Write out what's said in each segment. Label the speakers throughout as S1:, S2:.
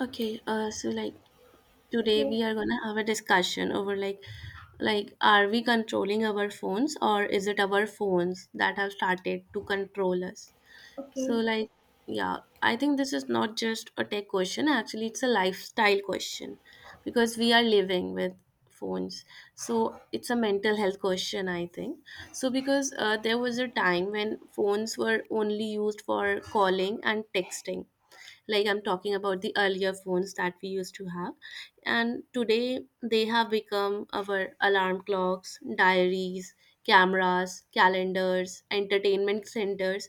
S1: Okay, so today
S2: Yes,
S1: we are gonna have a discussion over like are we controlling our phones or is it our phones that have started to control us? So
S2: okay.
S1: like yeah, I think this is not just a tech question, actually it's a lifestyle question because we are living with phones. So it's a mental health question, I think. Because there was a time when phones were only used for calling and texting, like I'm talking about the earlier phones that we used to have. And today they have become our alarm clocks, diaries, cameras, calendars, entertainment centers,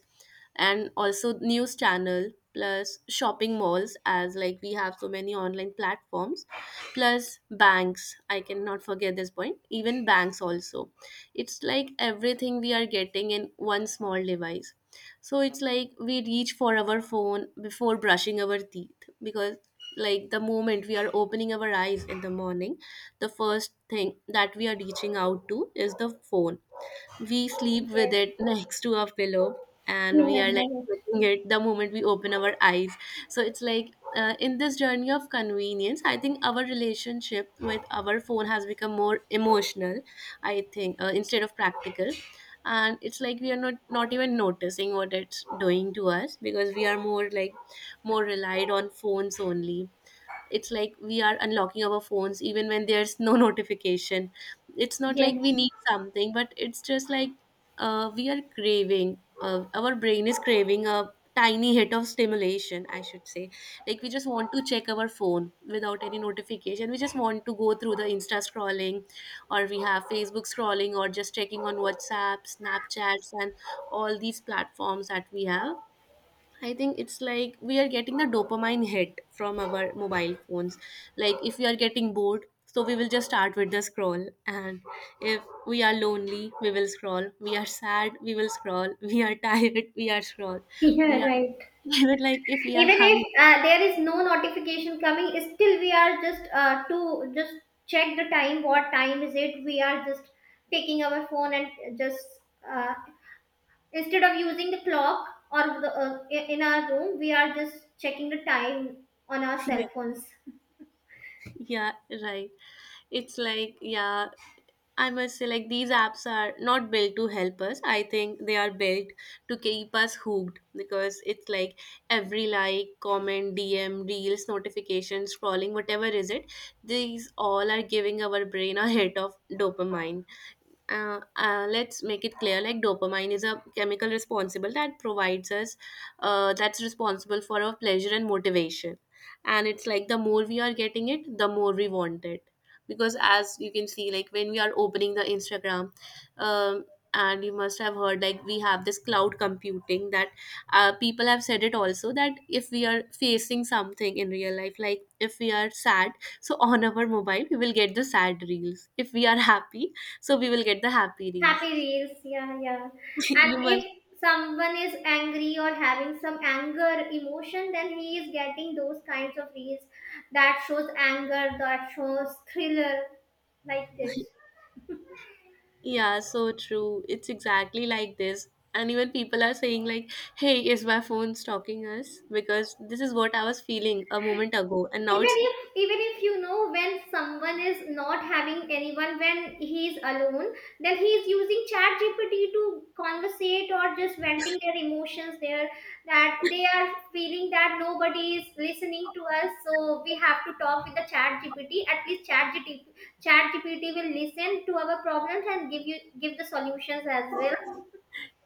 S1: and also news channel plus shopping malls, as like we have so many online platforms, plus banks. I cannot forget this point, even banks also. It's like everything we are getting in one small device. So it's like we reach for our phone before brushing our teeth, because like the moment we are opening our eyes in the morning, the first thing that we are reaching out to is the phone. We sleep with
S2: Yes,
S1: it next to our pillow and
S2: you
S1: we are
S2: are
S1: like
S2: right.
S1: looking it the moment we open our eyes. So it's like in this journey of convenience I think our relationship with our phone has become more emotional, I think, instead of practical. And it's like we are not even noticing what it's doing to us because we are more like more relied on phones only. It's like we are unlocking our phones even when there's no notification. It's not like we
S2: Yes,
S1: need something, but it's just like we are craving, our brain is craving a tiny hit of stimulation, I should say. Like we just want to check our phone without any notification, we just want to go through the insta scrolling, or we have facebook scrolling, or just checking on whatsapp, snapchats, and all these platforms that we have. I think it's like we are getting the dopamine hit from our mobile phones. Like if we are getting bored, so we will just start with the scroll. And if we are lonely, we will scroll. We are sad, we will scroll. We are tired, we are scroll.
S2: you are
S1: We are
S2: right.
S1: even like if we are
S2: Even if
S1: hungry.
S2: there is no notification coming, still we are just to just check the time, what time is it. We are just taking our phone and just uh, instead of using the clock or in our room, we are just checking the time on our cell
S1: Yeah,
S2: phones.
S1: yeah, right. It's like yeah, I must say, like, these apps are not built to help us. I think they are built to keep us hooked, because it's like every like, comment, DM, reels, notification, scrolling, whatever is it, these all are giving our brain a hit of dopamine. Let's make it clear, like dopamine is a chemical responsible that provides us, that's responsible for our pleasure and motivation. And it's like the more we are getting it, the more we want it. Because as you can see, like when we are opening the instagram, um, and you must have heard like we have this cloud computing that people have said it also, that if we are facing something in real life, like if we are sad, so on our mobile we will get the sad reels; if we are happy, so we will get the happy reels.
S2: Happy reels, yeah, yeah, and
S1: You must,
S2: if someone is angry or having some anger emotion, then he is getting those kinds of reels that shows anger, that shows thriller, like this.
S1: yeah, so true. It's exactly like this. And even people are saying, like, hey, is my phone stalking us? Because this is what I was feeling a moment ago. And now
S2: even
S1: it's
S2: if even if when someone is not having anyone, when he is alone, then he is using chat gpt to conversate or just venting their emotions there, that they are feeling that nobody is listening to us, so we have to talk with the chat gpt. At least chat gpt will listen to our problems and give the solutions as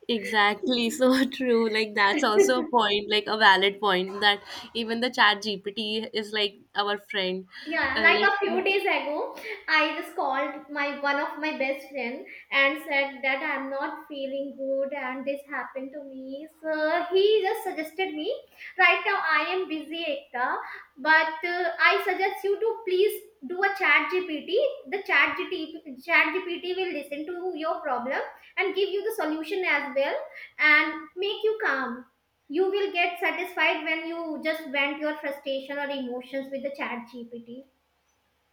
S1: exactly so true. Like,
S2: well.
S1: that's also a point, like a valid point that even the chat GPT is like our friend.
S2: Yeah,
S1: Uh,
S2: like a few
S1: like,
S2: days ago, I just called my one of my best friend and said that I'm not feeling good and this happened to me. So he just suggested me. Right now I am busy, Ekta, but I suggest you to please do a chat GPT. The chat GPT, chat GPT will listen to your problem and give you the solution as well and make you calm. You will get satisfied when you just vent your frustration or emotions with the chat GPT.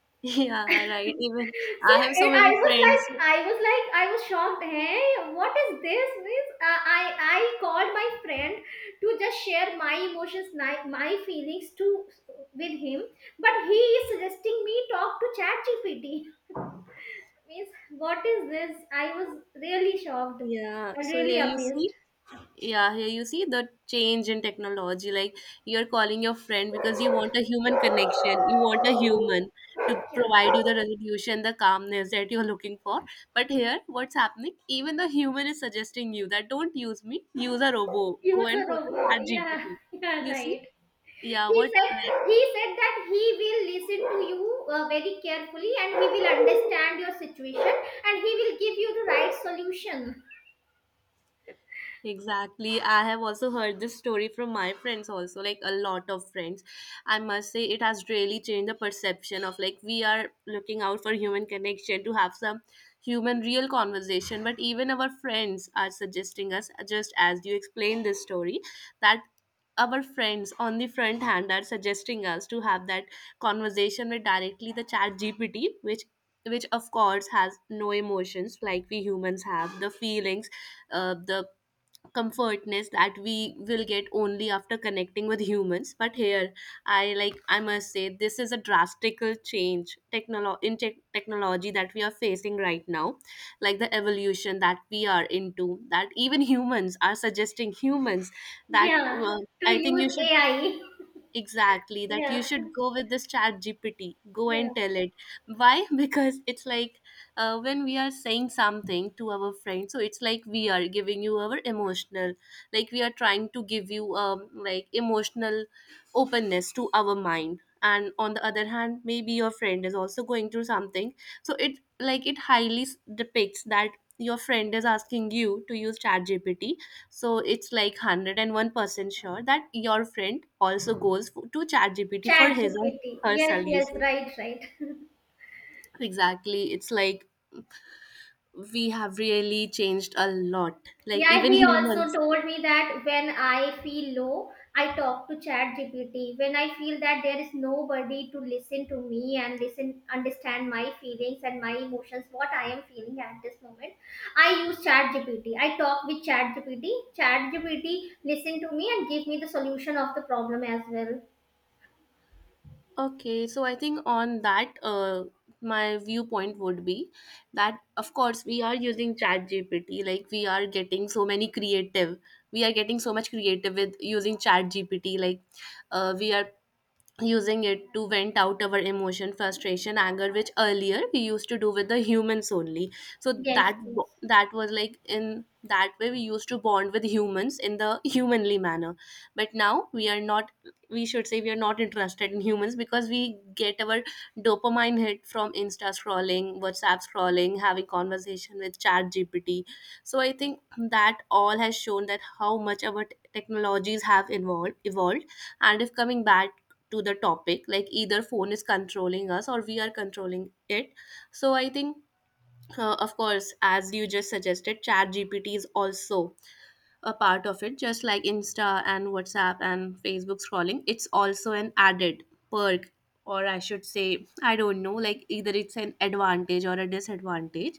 S1: yeah, right. Even
S2: so
S1: I have
S2: eh,
S1: so
S2: I
S1: many
S2: was like,
S1: friends.
S2: I was like, I was shocked. Hey, what is this? Means I called my friend to just share my emotions, my feelings to with him, but he is suggesting me talk to ChatGPT. Means what is this? I was really shocked
S1: Yeah.
S2: and
S1: So
S2: really
S1: here you see,
S2: amazed.
S1: yeah here you see the change in technology, like you're calling your friend because you want a human connection, you want a human to
S2: Yeah,
S1: provide you the resolution, the calmness that you're looking for. But here what's happening, even the human is suggesting you that don't use me, use a robo, go
S2: use
S1: and
S2: a
S1: for the
S2: robot.
S1: chat
S2: Yeah,
S1: gpt,
S2: yeah,
S1: you see.
S2: right.
S1: Yeah,
S2: he
S1: what
S2: said
S1: like,
S2: he said that he will listen to you very carefully, and he will understand your situation, and he will give you the right solution.
S1: exactly. I have also heard this story from my friends also, like a lot of friends. I must say it has really changed the perception of like we are looking out for human connection to have some human real conversation, but even our friends are suggesting us, just as you explained this story, that our friends on the front hand are suggesting us to have that conversation with directly the chat GPT, which of course has no emotions like we humans have, the feelings, the comfortness that we will get only after connecting with humans. But here I like I must say this is a drastical change in technology that we are facing right now, like the evolution that we are into, that even humans are suggesting humans that
S2: Yeah, to
S1: I think you
S2: use
S1: should
S2: AI.
S1: exactly that you
S2: Yeah,
S1: should go with this chat gpt, go
S2: yeah,
S1: and tell it why. Because it's like when we are saying something to our friend, so it's like we are giving you our emotional, like we are trying to give you like emotional openness to our mind, and on the other hand maybe your friend is also going through something. So it like it highly depicts that your friend is asking you to use ChatGPT. So it's like 101% sure that your friend also goes to ChatGPT
S2: chat
S1: for his or
S2: gpt,
S1: her
S2: yes, yes,
S1: solution.
S2: right, right.
S1: Exactly, it's like we have really changed a lot, like
S2: Yeah,
S1: even
S2: he also
S1: humans.
S2: told me that when I feel low, I talk to ChatGPT. When I feel that there is nobody to listen to me and listen, understand my feelings and my emotions, what I am feeling at this moment, I use ChatGPT. I talk with ChatGPT. ChatGPT listen to me and give me the solution of the problem as well.
S1: Okay, so I think on that, my viewpoint would be that, of course, we are using ChatGPT, we are getting so much creative with using ChatGPT, like we are using it to vent out our emotion, frustration, anger, which earlier we used to do with the humans only. So
S2: Yes,
S1: that
S2: yes,
S1: that was like, in that way we used to bond with humans in the humanly manner. But now we are not, we should say we are not interested in humans, because we get our dopamine hit from insta scrolling, whatsapp scrolling, having conversation with chat gpt. So I think that all has shown that how much our technologies have evolved. And if coming back to the topic, like either phone is controlling us or we are controlling it, so I think of course as you just suggested, chat gpt is also a part of it, just like insta and whatsapp and facebook scrolling. It's also an added perk, or I should say I don't know like either it's an advantage or a disadvantage.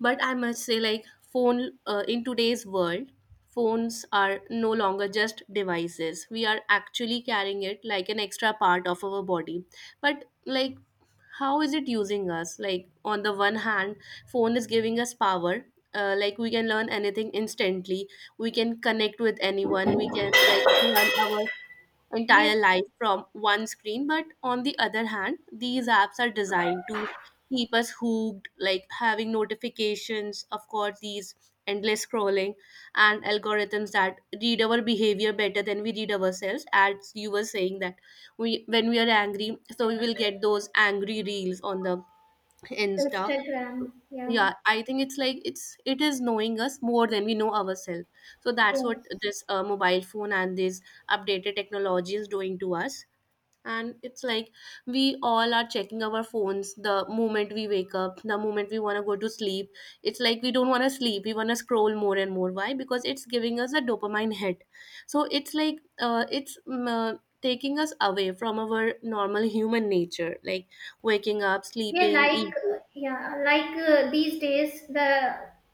S1: But I must say, like phone, in today's world, phones are no longer just devices, we are actually carrying it like an extra part of our body. But like, how is it using us? Like on the one hand, phone is giving us power, like we can learn anything instantly, we can connect with anyone, we can like learn our
S2: yes.
S1: entire life from one screen. But on the other hand, these apps are designed to keep us hooked, like having notifications, of course, these endless scrolling and algorithms that read our behavior better than we read ourselves, as you were saying that we when we are angry, so we will get those angry reels on the Insta.
S2: Instagram. Yeah,
S1: Yeah, I think it's like it's it is knowing us more than we know ourselves. So that's what
S2: yes.
S1: this mobile phone and this updated technology is doing to us. And it's like we all are checking our phones the moment we wake up, the moment we want to go to sleep. It's like we don't want to sleep, we want to scroll more and more. Why? Because it's giving us a dopamine hit. So it's like it's taking us away from our normal human nature, like waking up,
S2: Yeah,
S1: sleeping, eating.
S2: yeah, these days the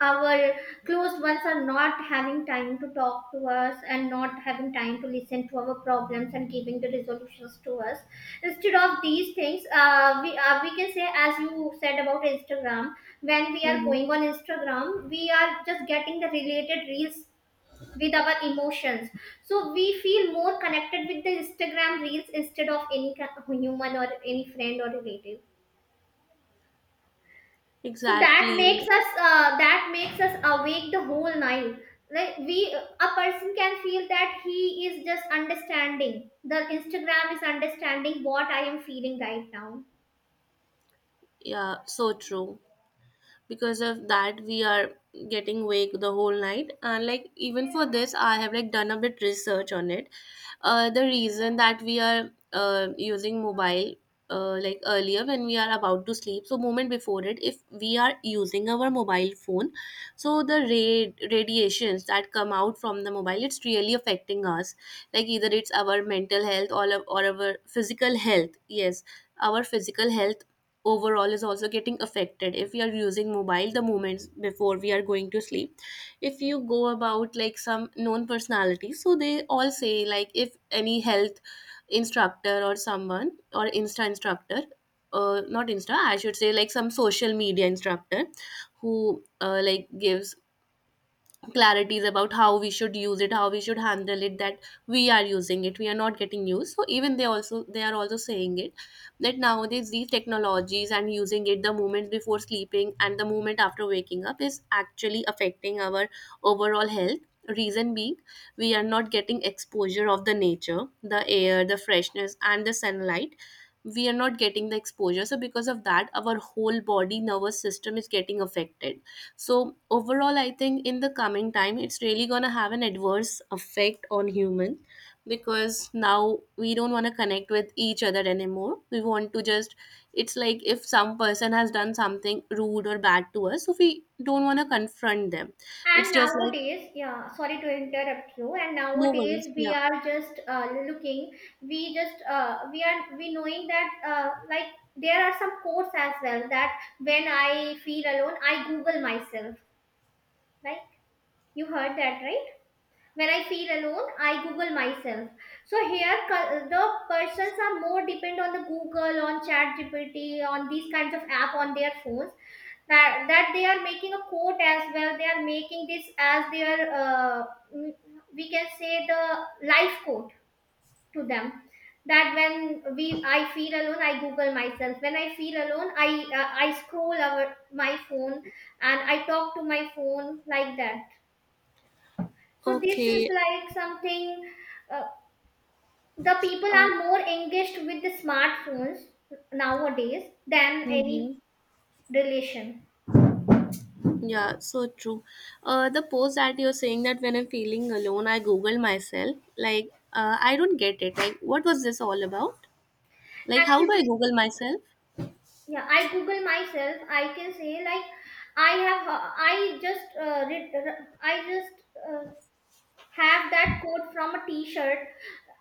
S2: our close ones are not having time to talk to us and not having time to listen to our problems and giving the resolutions to us. Instead of these things, we can say, as you said about Instagram, when we are
S1: Mm-hmm.
S2: going on Instagram, we are just getting the related reels with our emotions. So we feel more connected with the Instagram reels instead of human or any friend or relative, so that
S1: Exactly.
S2: makes us uh, that makes us awake the whole night. Like, we a person can feel that he is just understanding the instagram is understanding what I am feeling right now.
S1: Yeah, so true. Because of that, we are getting wake the whole night, and like even for this I have like done a bit research on it. The reason that we are using mobile, like earlier when we are about to sleep, so moment before it if we are using our mobile phone, so the radiations that come out from the mobile, it's really affecting us. Like either it's our mental health or our physical health. Yes, our physical health overall is also getting affected if we are using mobile the moments before we are going to sleep. If you go about like some known personalities, so they all say like if any health instructor or someone or insta instructor, not insta, I should say like some social media instructor, who like gives clarities about how we should use it, how we should handle it, that we are using it, we are not getting used. So even they also, they are also saying it, that nowadays these technologies and using it the moment before sleeping and the moment after waking up is actually affecting our overall health. Reason being, we are not getting exposure of the nature, the air, the freshness, and the sunlight. We are not getting the exposure, so because of that our whole body nervous system is getting affected. So overall, I think in the coming time, it's really gonna have an adverse effect on human, because now we don't want to connect with each other anymore. We want to just, it's like if some person has done something rude or bad to us, so we don't want to confront them. It's
S2: And
S1: just like,
S2: nowadays, yeah, sorry to interrupt you. And
S1: no worries,
S2: nowadays we
S1: yeah,
S2: are just looking. We knowing that like there are some quotes as well that when I feel alone, I Google myself. Like, you heard that right. When I feel alone, I Google myself. So here, the persons are more depend on the Google, on chat gpt, on these kinds of app on their phones, that they are making a quote as well. They are making this as their mm, we can say, the life quote to them, that when we I feel alone, I Google myself. When I feel alone, I scroll my phone and I talk to my phone like that. So this is
S1: okay.
S2: like something. uh, the people
S1: Uh,
S2: are more engaged with the smartphones nowadays than any
S1: mhm.
S2: relation.
S1: Yeah, so true. The post that you're saying that when I'm feeling alone, I Google myself. Like, I don't get it. Like, what was this all about? Like, how
S2: Actually,
S1: do I Google myself?
S2: yeah, I Google myself. I can say, like, I have uh, I just uh, read, I just uh, have that quote from a t-shirt.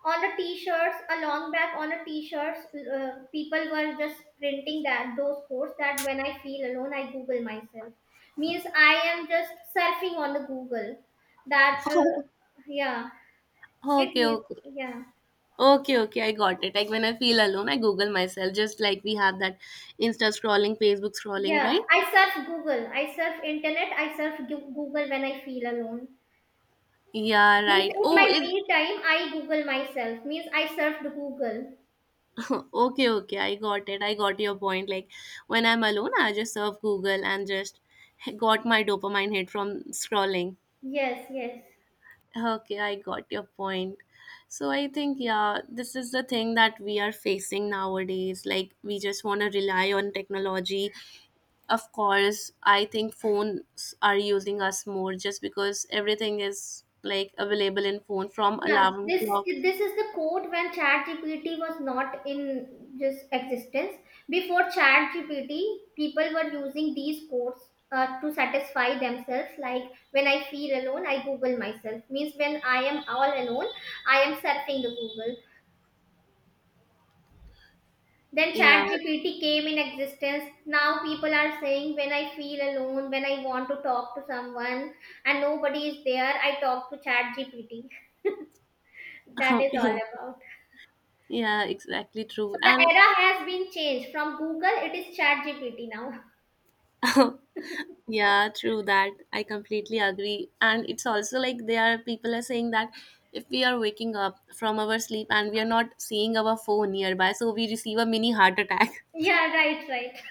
S2: On the t-shirts a long back, on the t-shirts, people were just printing that, those quotes that when I feel alone, I Google myself, means I am just surfing on the Google, that yeah, it
S1: Okay,
S2: means,
S1: okay.
S2: yeah,
S1: Okay, okay, I got it. Like when I feel alone, I Google myself, just like we have that Insta scrolling, Facebook scrolling,
S2: yeah.
S1: right?
S2: I surf Google, I surf internet, I surf Google when I feel alone,
S1: Yeah,
S2: means
S1: right.
S2: in
S1: Oh,
S2: my me
S1: it,
S2: time I Google myself, means I surfed Google.
S1: okay, okay. I got it. I got your point. Like when I'm alone, I just surf Google and just got my dopamine hit from scrolling.
S2: Yes, yes.
S1: Okay, I got your point. So I think, yeah, this is the thing that we are facing nowadays. Like we just want to rely on technology. Of course, I think phones are using us more just because everything is like available in phone from
S2: Yeah,
S1: alarm
S2: this
S1: clock.
S2: this is the quote when ChatGPT was not in just existence. Before ChatGPT, people were using these quotes to satisfy themselves. Like, when I feel alone, I Google myself. Means when I am all alone, I am surfing the Google. Then
S1: Yeah,
S2: ChatGPT came in existence. Now people are saying when I feel alone, when I want to talk to someone and nobody is there, I talk to ChatGPT. That is
S1: yeah,
S2: all about.
S1: yeah, exactly
S2: So
S1: true.
S2: the
S1: And
S2: era has been changed from Google, it is Chat GPT now.
S1: yeah, true that. I completely agree. And it's also like there are people are saying that if we are waking up from our sleep and we are not seeing our phone nearby, so we receive a mini heart attack.
S2: Yeah, right, right.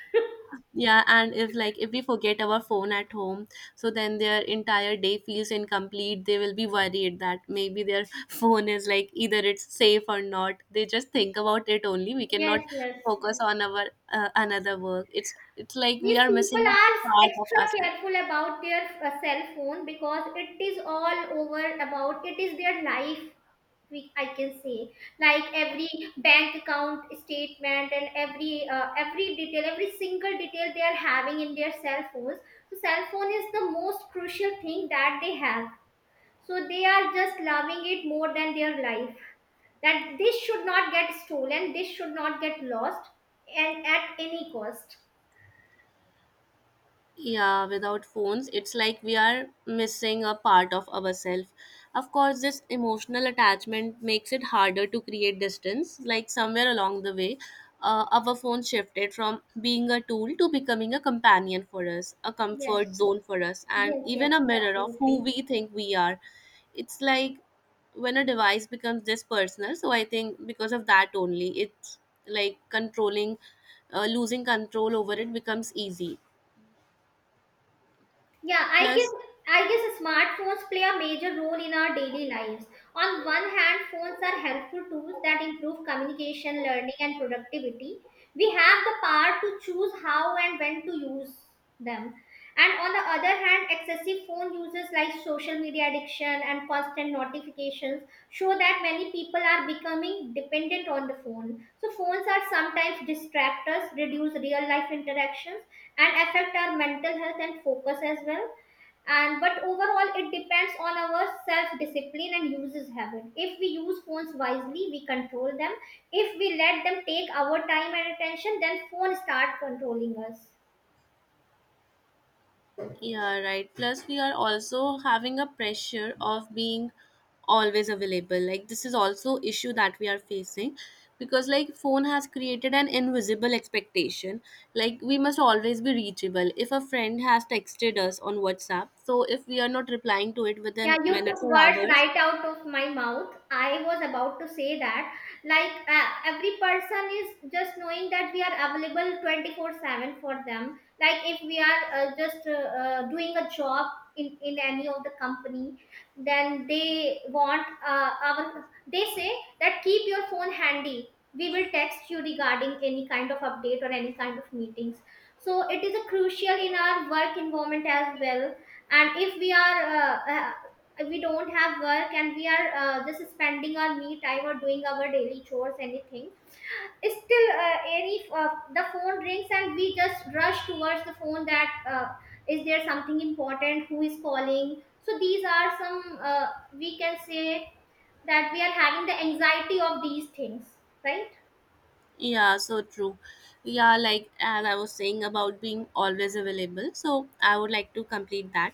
S1: Yeah, and if like if we forget our phone at home, so then their entire day feels incomplete. They will be worried that maybe their phone is like either it's safe or not. They just think about it only. We
S2: Yes,
S1: cannot
S2: yes,
S1: focus
S2: yes.
S1: on our another work. It's like we
S2: These
S1: are missing
S2: people
S1: a
S2: are
S1: part of us.
S2: extra careful about their cell phone because it is all over about it is their life. We, I can say, like, every bank account statement and every detail, every single detail they are having in their cell phones. So cell phone is the most crucial thing that they have. So they are just loving it more than their life, that this should not get stolen, this should not get lost, and at any cost.
S1: Yeah, without phones, it's like we are missing a part of ourselves. Of course, this emotional attachment makes it harder to create distance. Like somewhere along the way, our phone shifted from being a tool to becoming a companion for us, a comfort
S2: Yes,
S1: zone for us, and
S2: yes,
S1: even
S2: yes,
S1: a mirror of
S2: absolutely.
S1: who we think we are. It's like when a device becomes this personal, so I think because of that only, it's like controlling, losing control over it becomes easy.
S2: Yeah, I guess
S1: Plus,
S2: I guess smartphones play a major role in our daily lives. On one hand, phones are helpful tools that improve communication, learning, and productivity. We have the power to choose how and when to use them. And on the other hand, excessive phone uses like social media addiction and constant notifications show that many people are becoming dependent on the phone. So phones are sometimes distractors, reduce real life interactions and affect our mental health and focus as well, and but overall, it depends on our self discipline and uses habit. If we use phones wisely, we control them. If we let them take our time and attention, then phone start controlling us.
S1: yeah, right. Plus, we are also having a pressure of being always available. Like this is also issue that we are facing, because like phone has created an invisible expectation. Like we must always be reachable. If a friend has texted us on WhatsApp, so if we are not replying to it
S2: Yeah,
S1: within
S2: you took
S1: minutes or
S2: words
S1: hours,
S2: right out of my mouth. I was about to say that. Like, every person is just knowing that we are available 24/7 for them. Like, if we are just doing a job in any of the company, then they want they say that keep your phone handy. We will text you regarding any kind of update or any kind of meetings. So, it is a crucial in our work environment as well, and if we don't have work, and we are just spending our me time or doing our daily chores, anything, still any the phone rings and we just rush towards the phone, that is there something important, who is calling. So these are some, we can say, that we are having the anxiety of these things, right.
S1: yeah, so true. Yeah, like as I was saying about being always available, so I would like to complete that.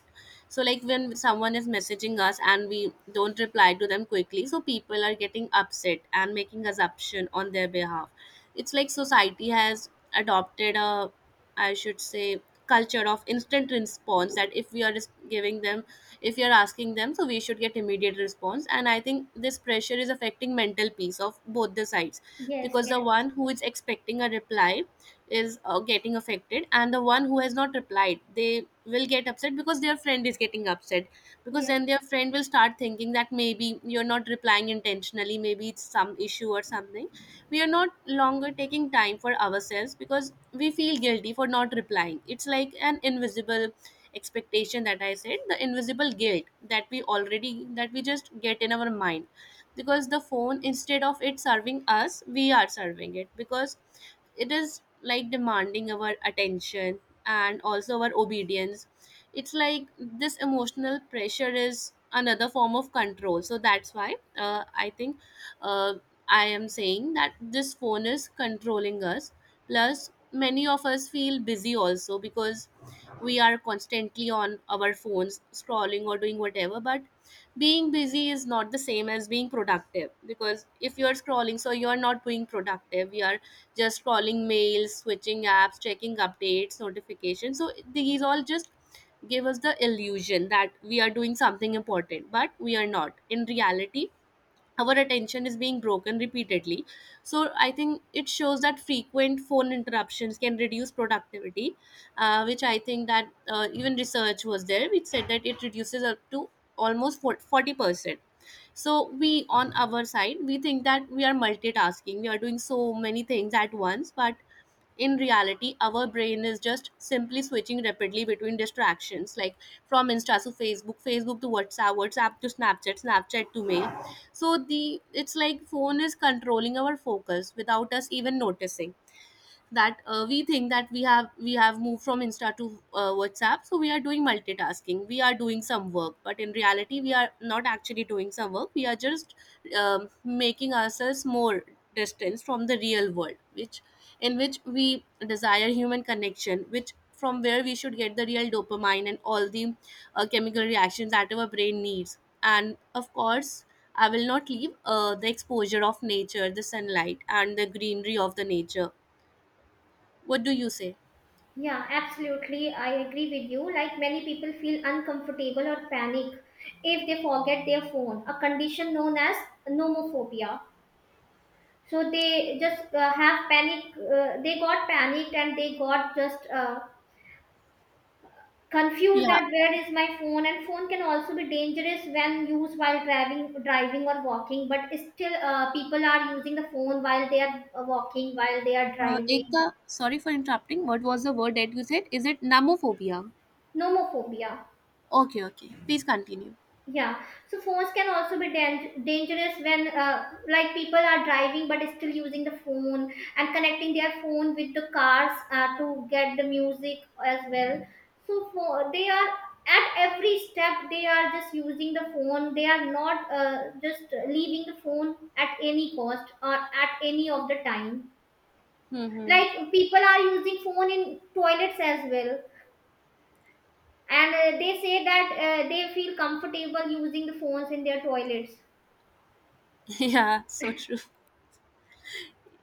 S1: So like when someone is messaging us and we don't reply to them quickly, so people are getting upset and making assumption on their behalf. It's like society has adopted a, I should say, culture of instant response, that if we are just giving them, if we are asking them, so we should get immediate response. And I think this pressure is affecting mental peace of both the sides,
S2: Yes,
S1: because the
S2: yes,
S1: one who is expecting a reply is getting affected, and the one who has not replied, they will get upset because their friend is getting upset, because
S2: yes.
S1: then their friend will start thinking that maybe you're not replying intentionally, maybe it's some issue or something. We are not longer taking time for ourselves because we feel guilty for not replying. It's like an invisible expectation that I said, the invisible guilt that we already, that we just get in our mind, because the phone, instead of it serving us, we are serving it, because it is like demanding our attention and also our obedience. It's like this emotional pressure is another form of control, so that's why I think, uh, I am saying that this phone is controlling us. Plus, many of us feel busy also because we are constantly on our phones, scrolling or doing whatever. But being busy is not the same as being productive, because if you're scrolling, so you're not being productive. You are just scrolling mails, switching apps, checking updates, notifications. So these all just give us the illusion that we are doing something important, but we are not. In reality, our attention is being broken repeatedly, so I think it shows that frequent phone interruptions can reduce productivity, which I think that even research was there which said that it reduces up to almost 40%. So we on our side, we think that we are multitasking, we are doing so many things at once, but in reality our brain is just simply switching rapidly between distractions, like from insta to Facebook, Facebook to WhatsApp, WhatsApp to Snapchat, Snapchat to mail. So the, it's like phone is controlling our focus without us even noticing, that we think that we have moved from insta to WhatsApp, so we are doing multitasking, we are doing some work, but in reality we are not actually doing some work, we are just making ourselves more distance from the real world, which, in which we desire human connection, which from where we should get the real dopamine and all the chemical reactions that our brain needs. And of course, I will not leave the exposure of nature, the sunlight, and the greenery of the nature. What do you say?
S2: Yeah, absolutely. I agree with you. Like, many people feel uncomfortable or panic if they forget their phone, a condition known as nomophobia. So they just have panic, they got panicked and they got just confused
S1: Yeah.
S2: that where is my phone? And phone can also be dangerous when used while driving or walking, but still people are using the phone while they are walking, while they are driving.
S1: Ekta, sorry for interrupting. What was the word that you said? Is it namophobia?
S2: Nomophobia.
S1: Okay, okay. Please continue.
S2: Yeah, so phones can also be dangerous when, like, people are driving but still using the phone and connecting their phone with the cars to get the music as well. So for, they are, at every step they are just using the phone. They are not just leaving the phone at any cost or at any of the time.
S1: Mm-hmm.
S2: Like, people are using phone in toilets as well, and they say that they feel comfortable using the phones in their toilets.
S1: Yeah, so true.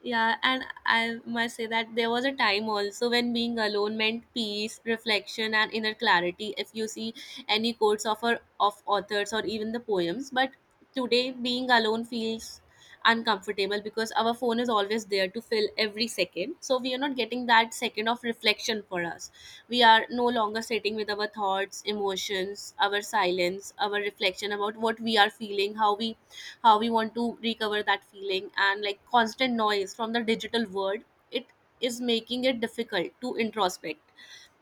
S1: Yeah, and I must say that there was a time also when being alone meant peace, reflection, and inner clarity. If you see any quotes of our, of authors or even the poems, but today being alone feels uncomfortable because our phone is always there to fill every second. So we are not getting that second of reflection for us. We are no longer sitting with our thoughts, emotions, our silence, our reflection about what we are feeling, how we, how we want to recover that feeling. And like constant noise from the digital world, it is making it difficult to introspect.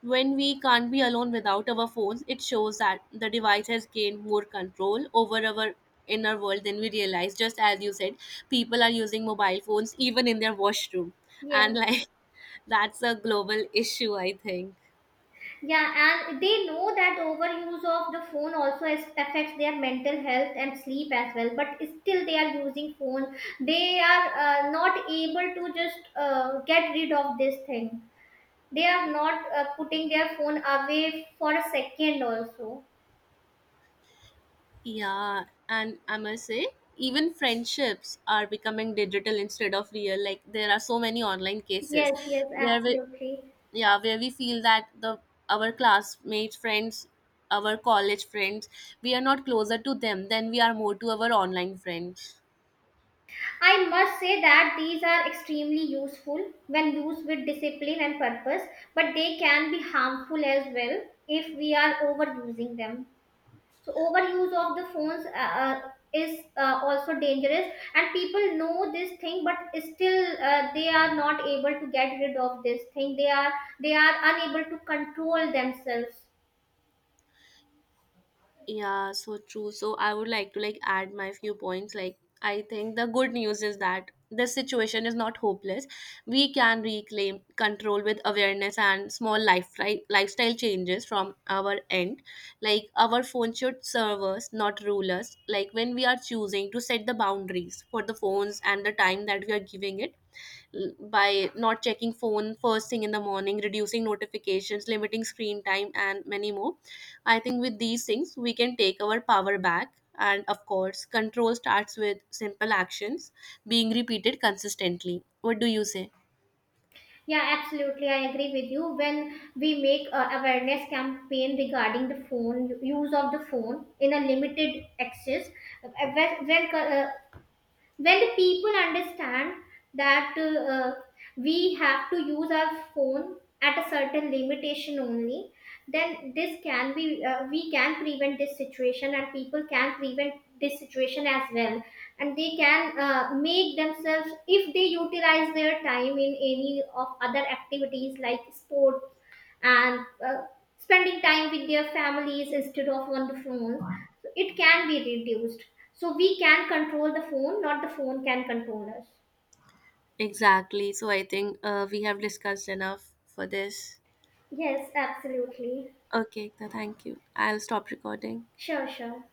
S1: When we can't be alone without our phones, it shows that the device has gained more control over our inner world than we realize. Just as you said, people are using mobile phones even in their washroom,
S2: Yes,
S1: and like that's a global issue, I think.
S2: yeah, and they know that overuse of the phone also affects their mental health and sleep as well. But still, they are using phone. They are not able to just get rid of this thing. They are not putting their phone away for a second also.
S1: Yeah, and I must say, even friendships are becoming digital instead of real. Like there are so many online cases
S2: Yes, yes,
S1: where we,
S2: absolutely.
S1: yeah, where we feel that the, our classmates, friends, our college friends, we are not closer to them than we are more to our online friends.
S2: I must say that these are extremely useful when used with discipline and purpose, but they can be harmful as well if we are overusing them. So overuse of the phones is also dangerous, and people know this thing, but still they are not able to get rid of this thing. They are unable to control themselves.
S1: Yeah, so true. So I would like to like add my few points. Like I think the good news is that this situation is not hopeless. We can reclaim control with awareness and small life right lifestyle changes from our end. Like our phone should serve us, not rule us. Like when we are choosing to set the boundaries for the phones and the time that we are giving it, by not checking phone first thing in the morning, reducing notifications, limiting screen time, and many more. I think with these things we can take our power back. And of course, control starts with simple actions being repeated consistently. What do you say?
S2: Yeah, absolutely, I agree with you. When we make a awareness campaign regarding the phone, use of the phone in a limited access, uh, when, when uh, when the people understand that we have to use our phone at a certain limitation only, then this can be we can prevent this situation, and people can prevent this situation as well, and they can make themselves, if they utilize their time in any of other activities like sport and spending time with their families instead of on the phone, so it can be reduced, so we can control the phone, not the phone can control us.
S1: Exactly. So I think we have discussed enough for this.
S2: Yes, absolutely,
S1: Okay, thank you, I'll stop recording.
S2: sure, sure.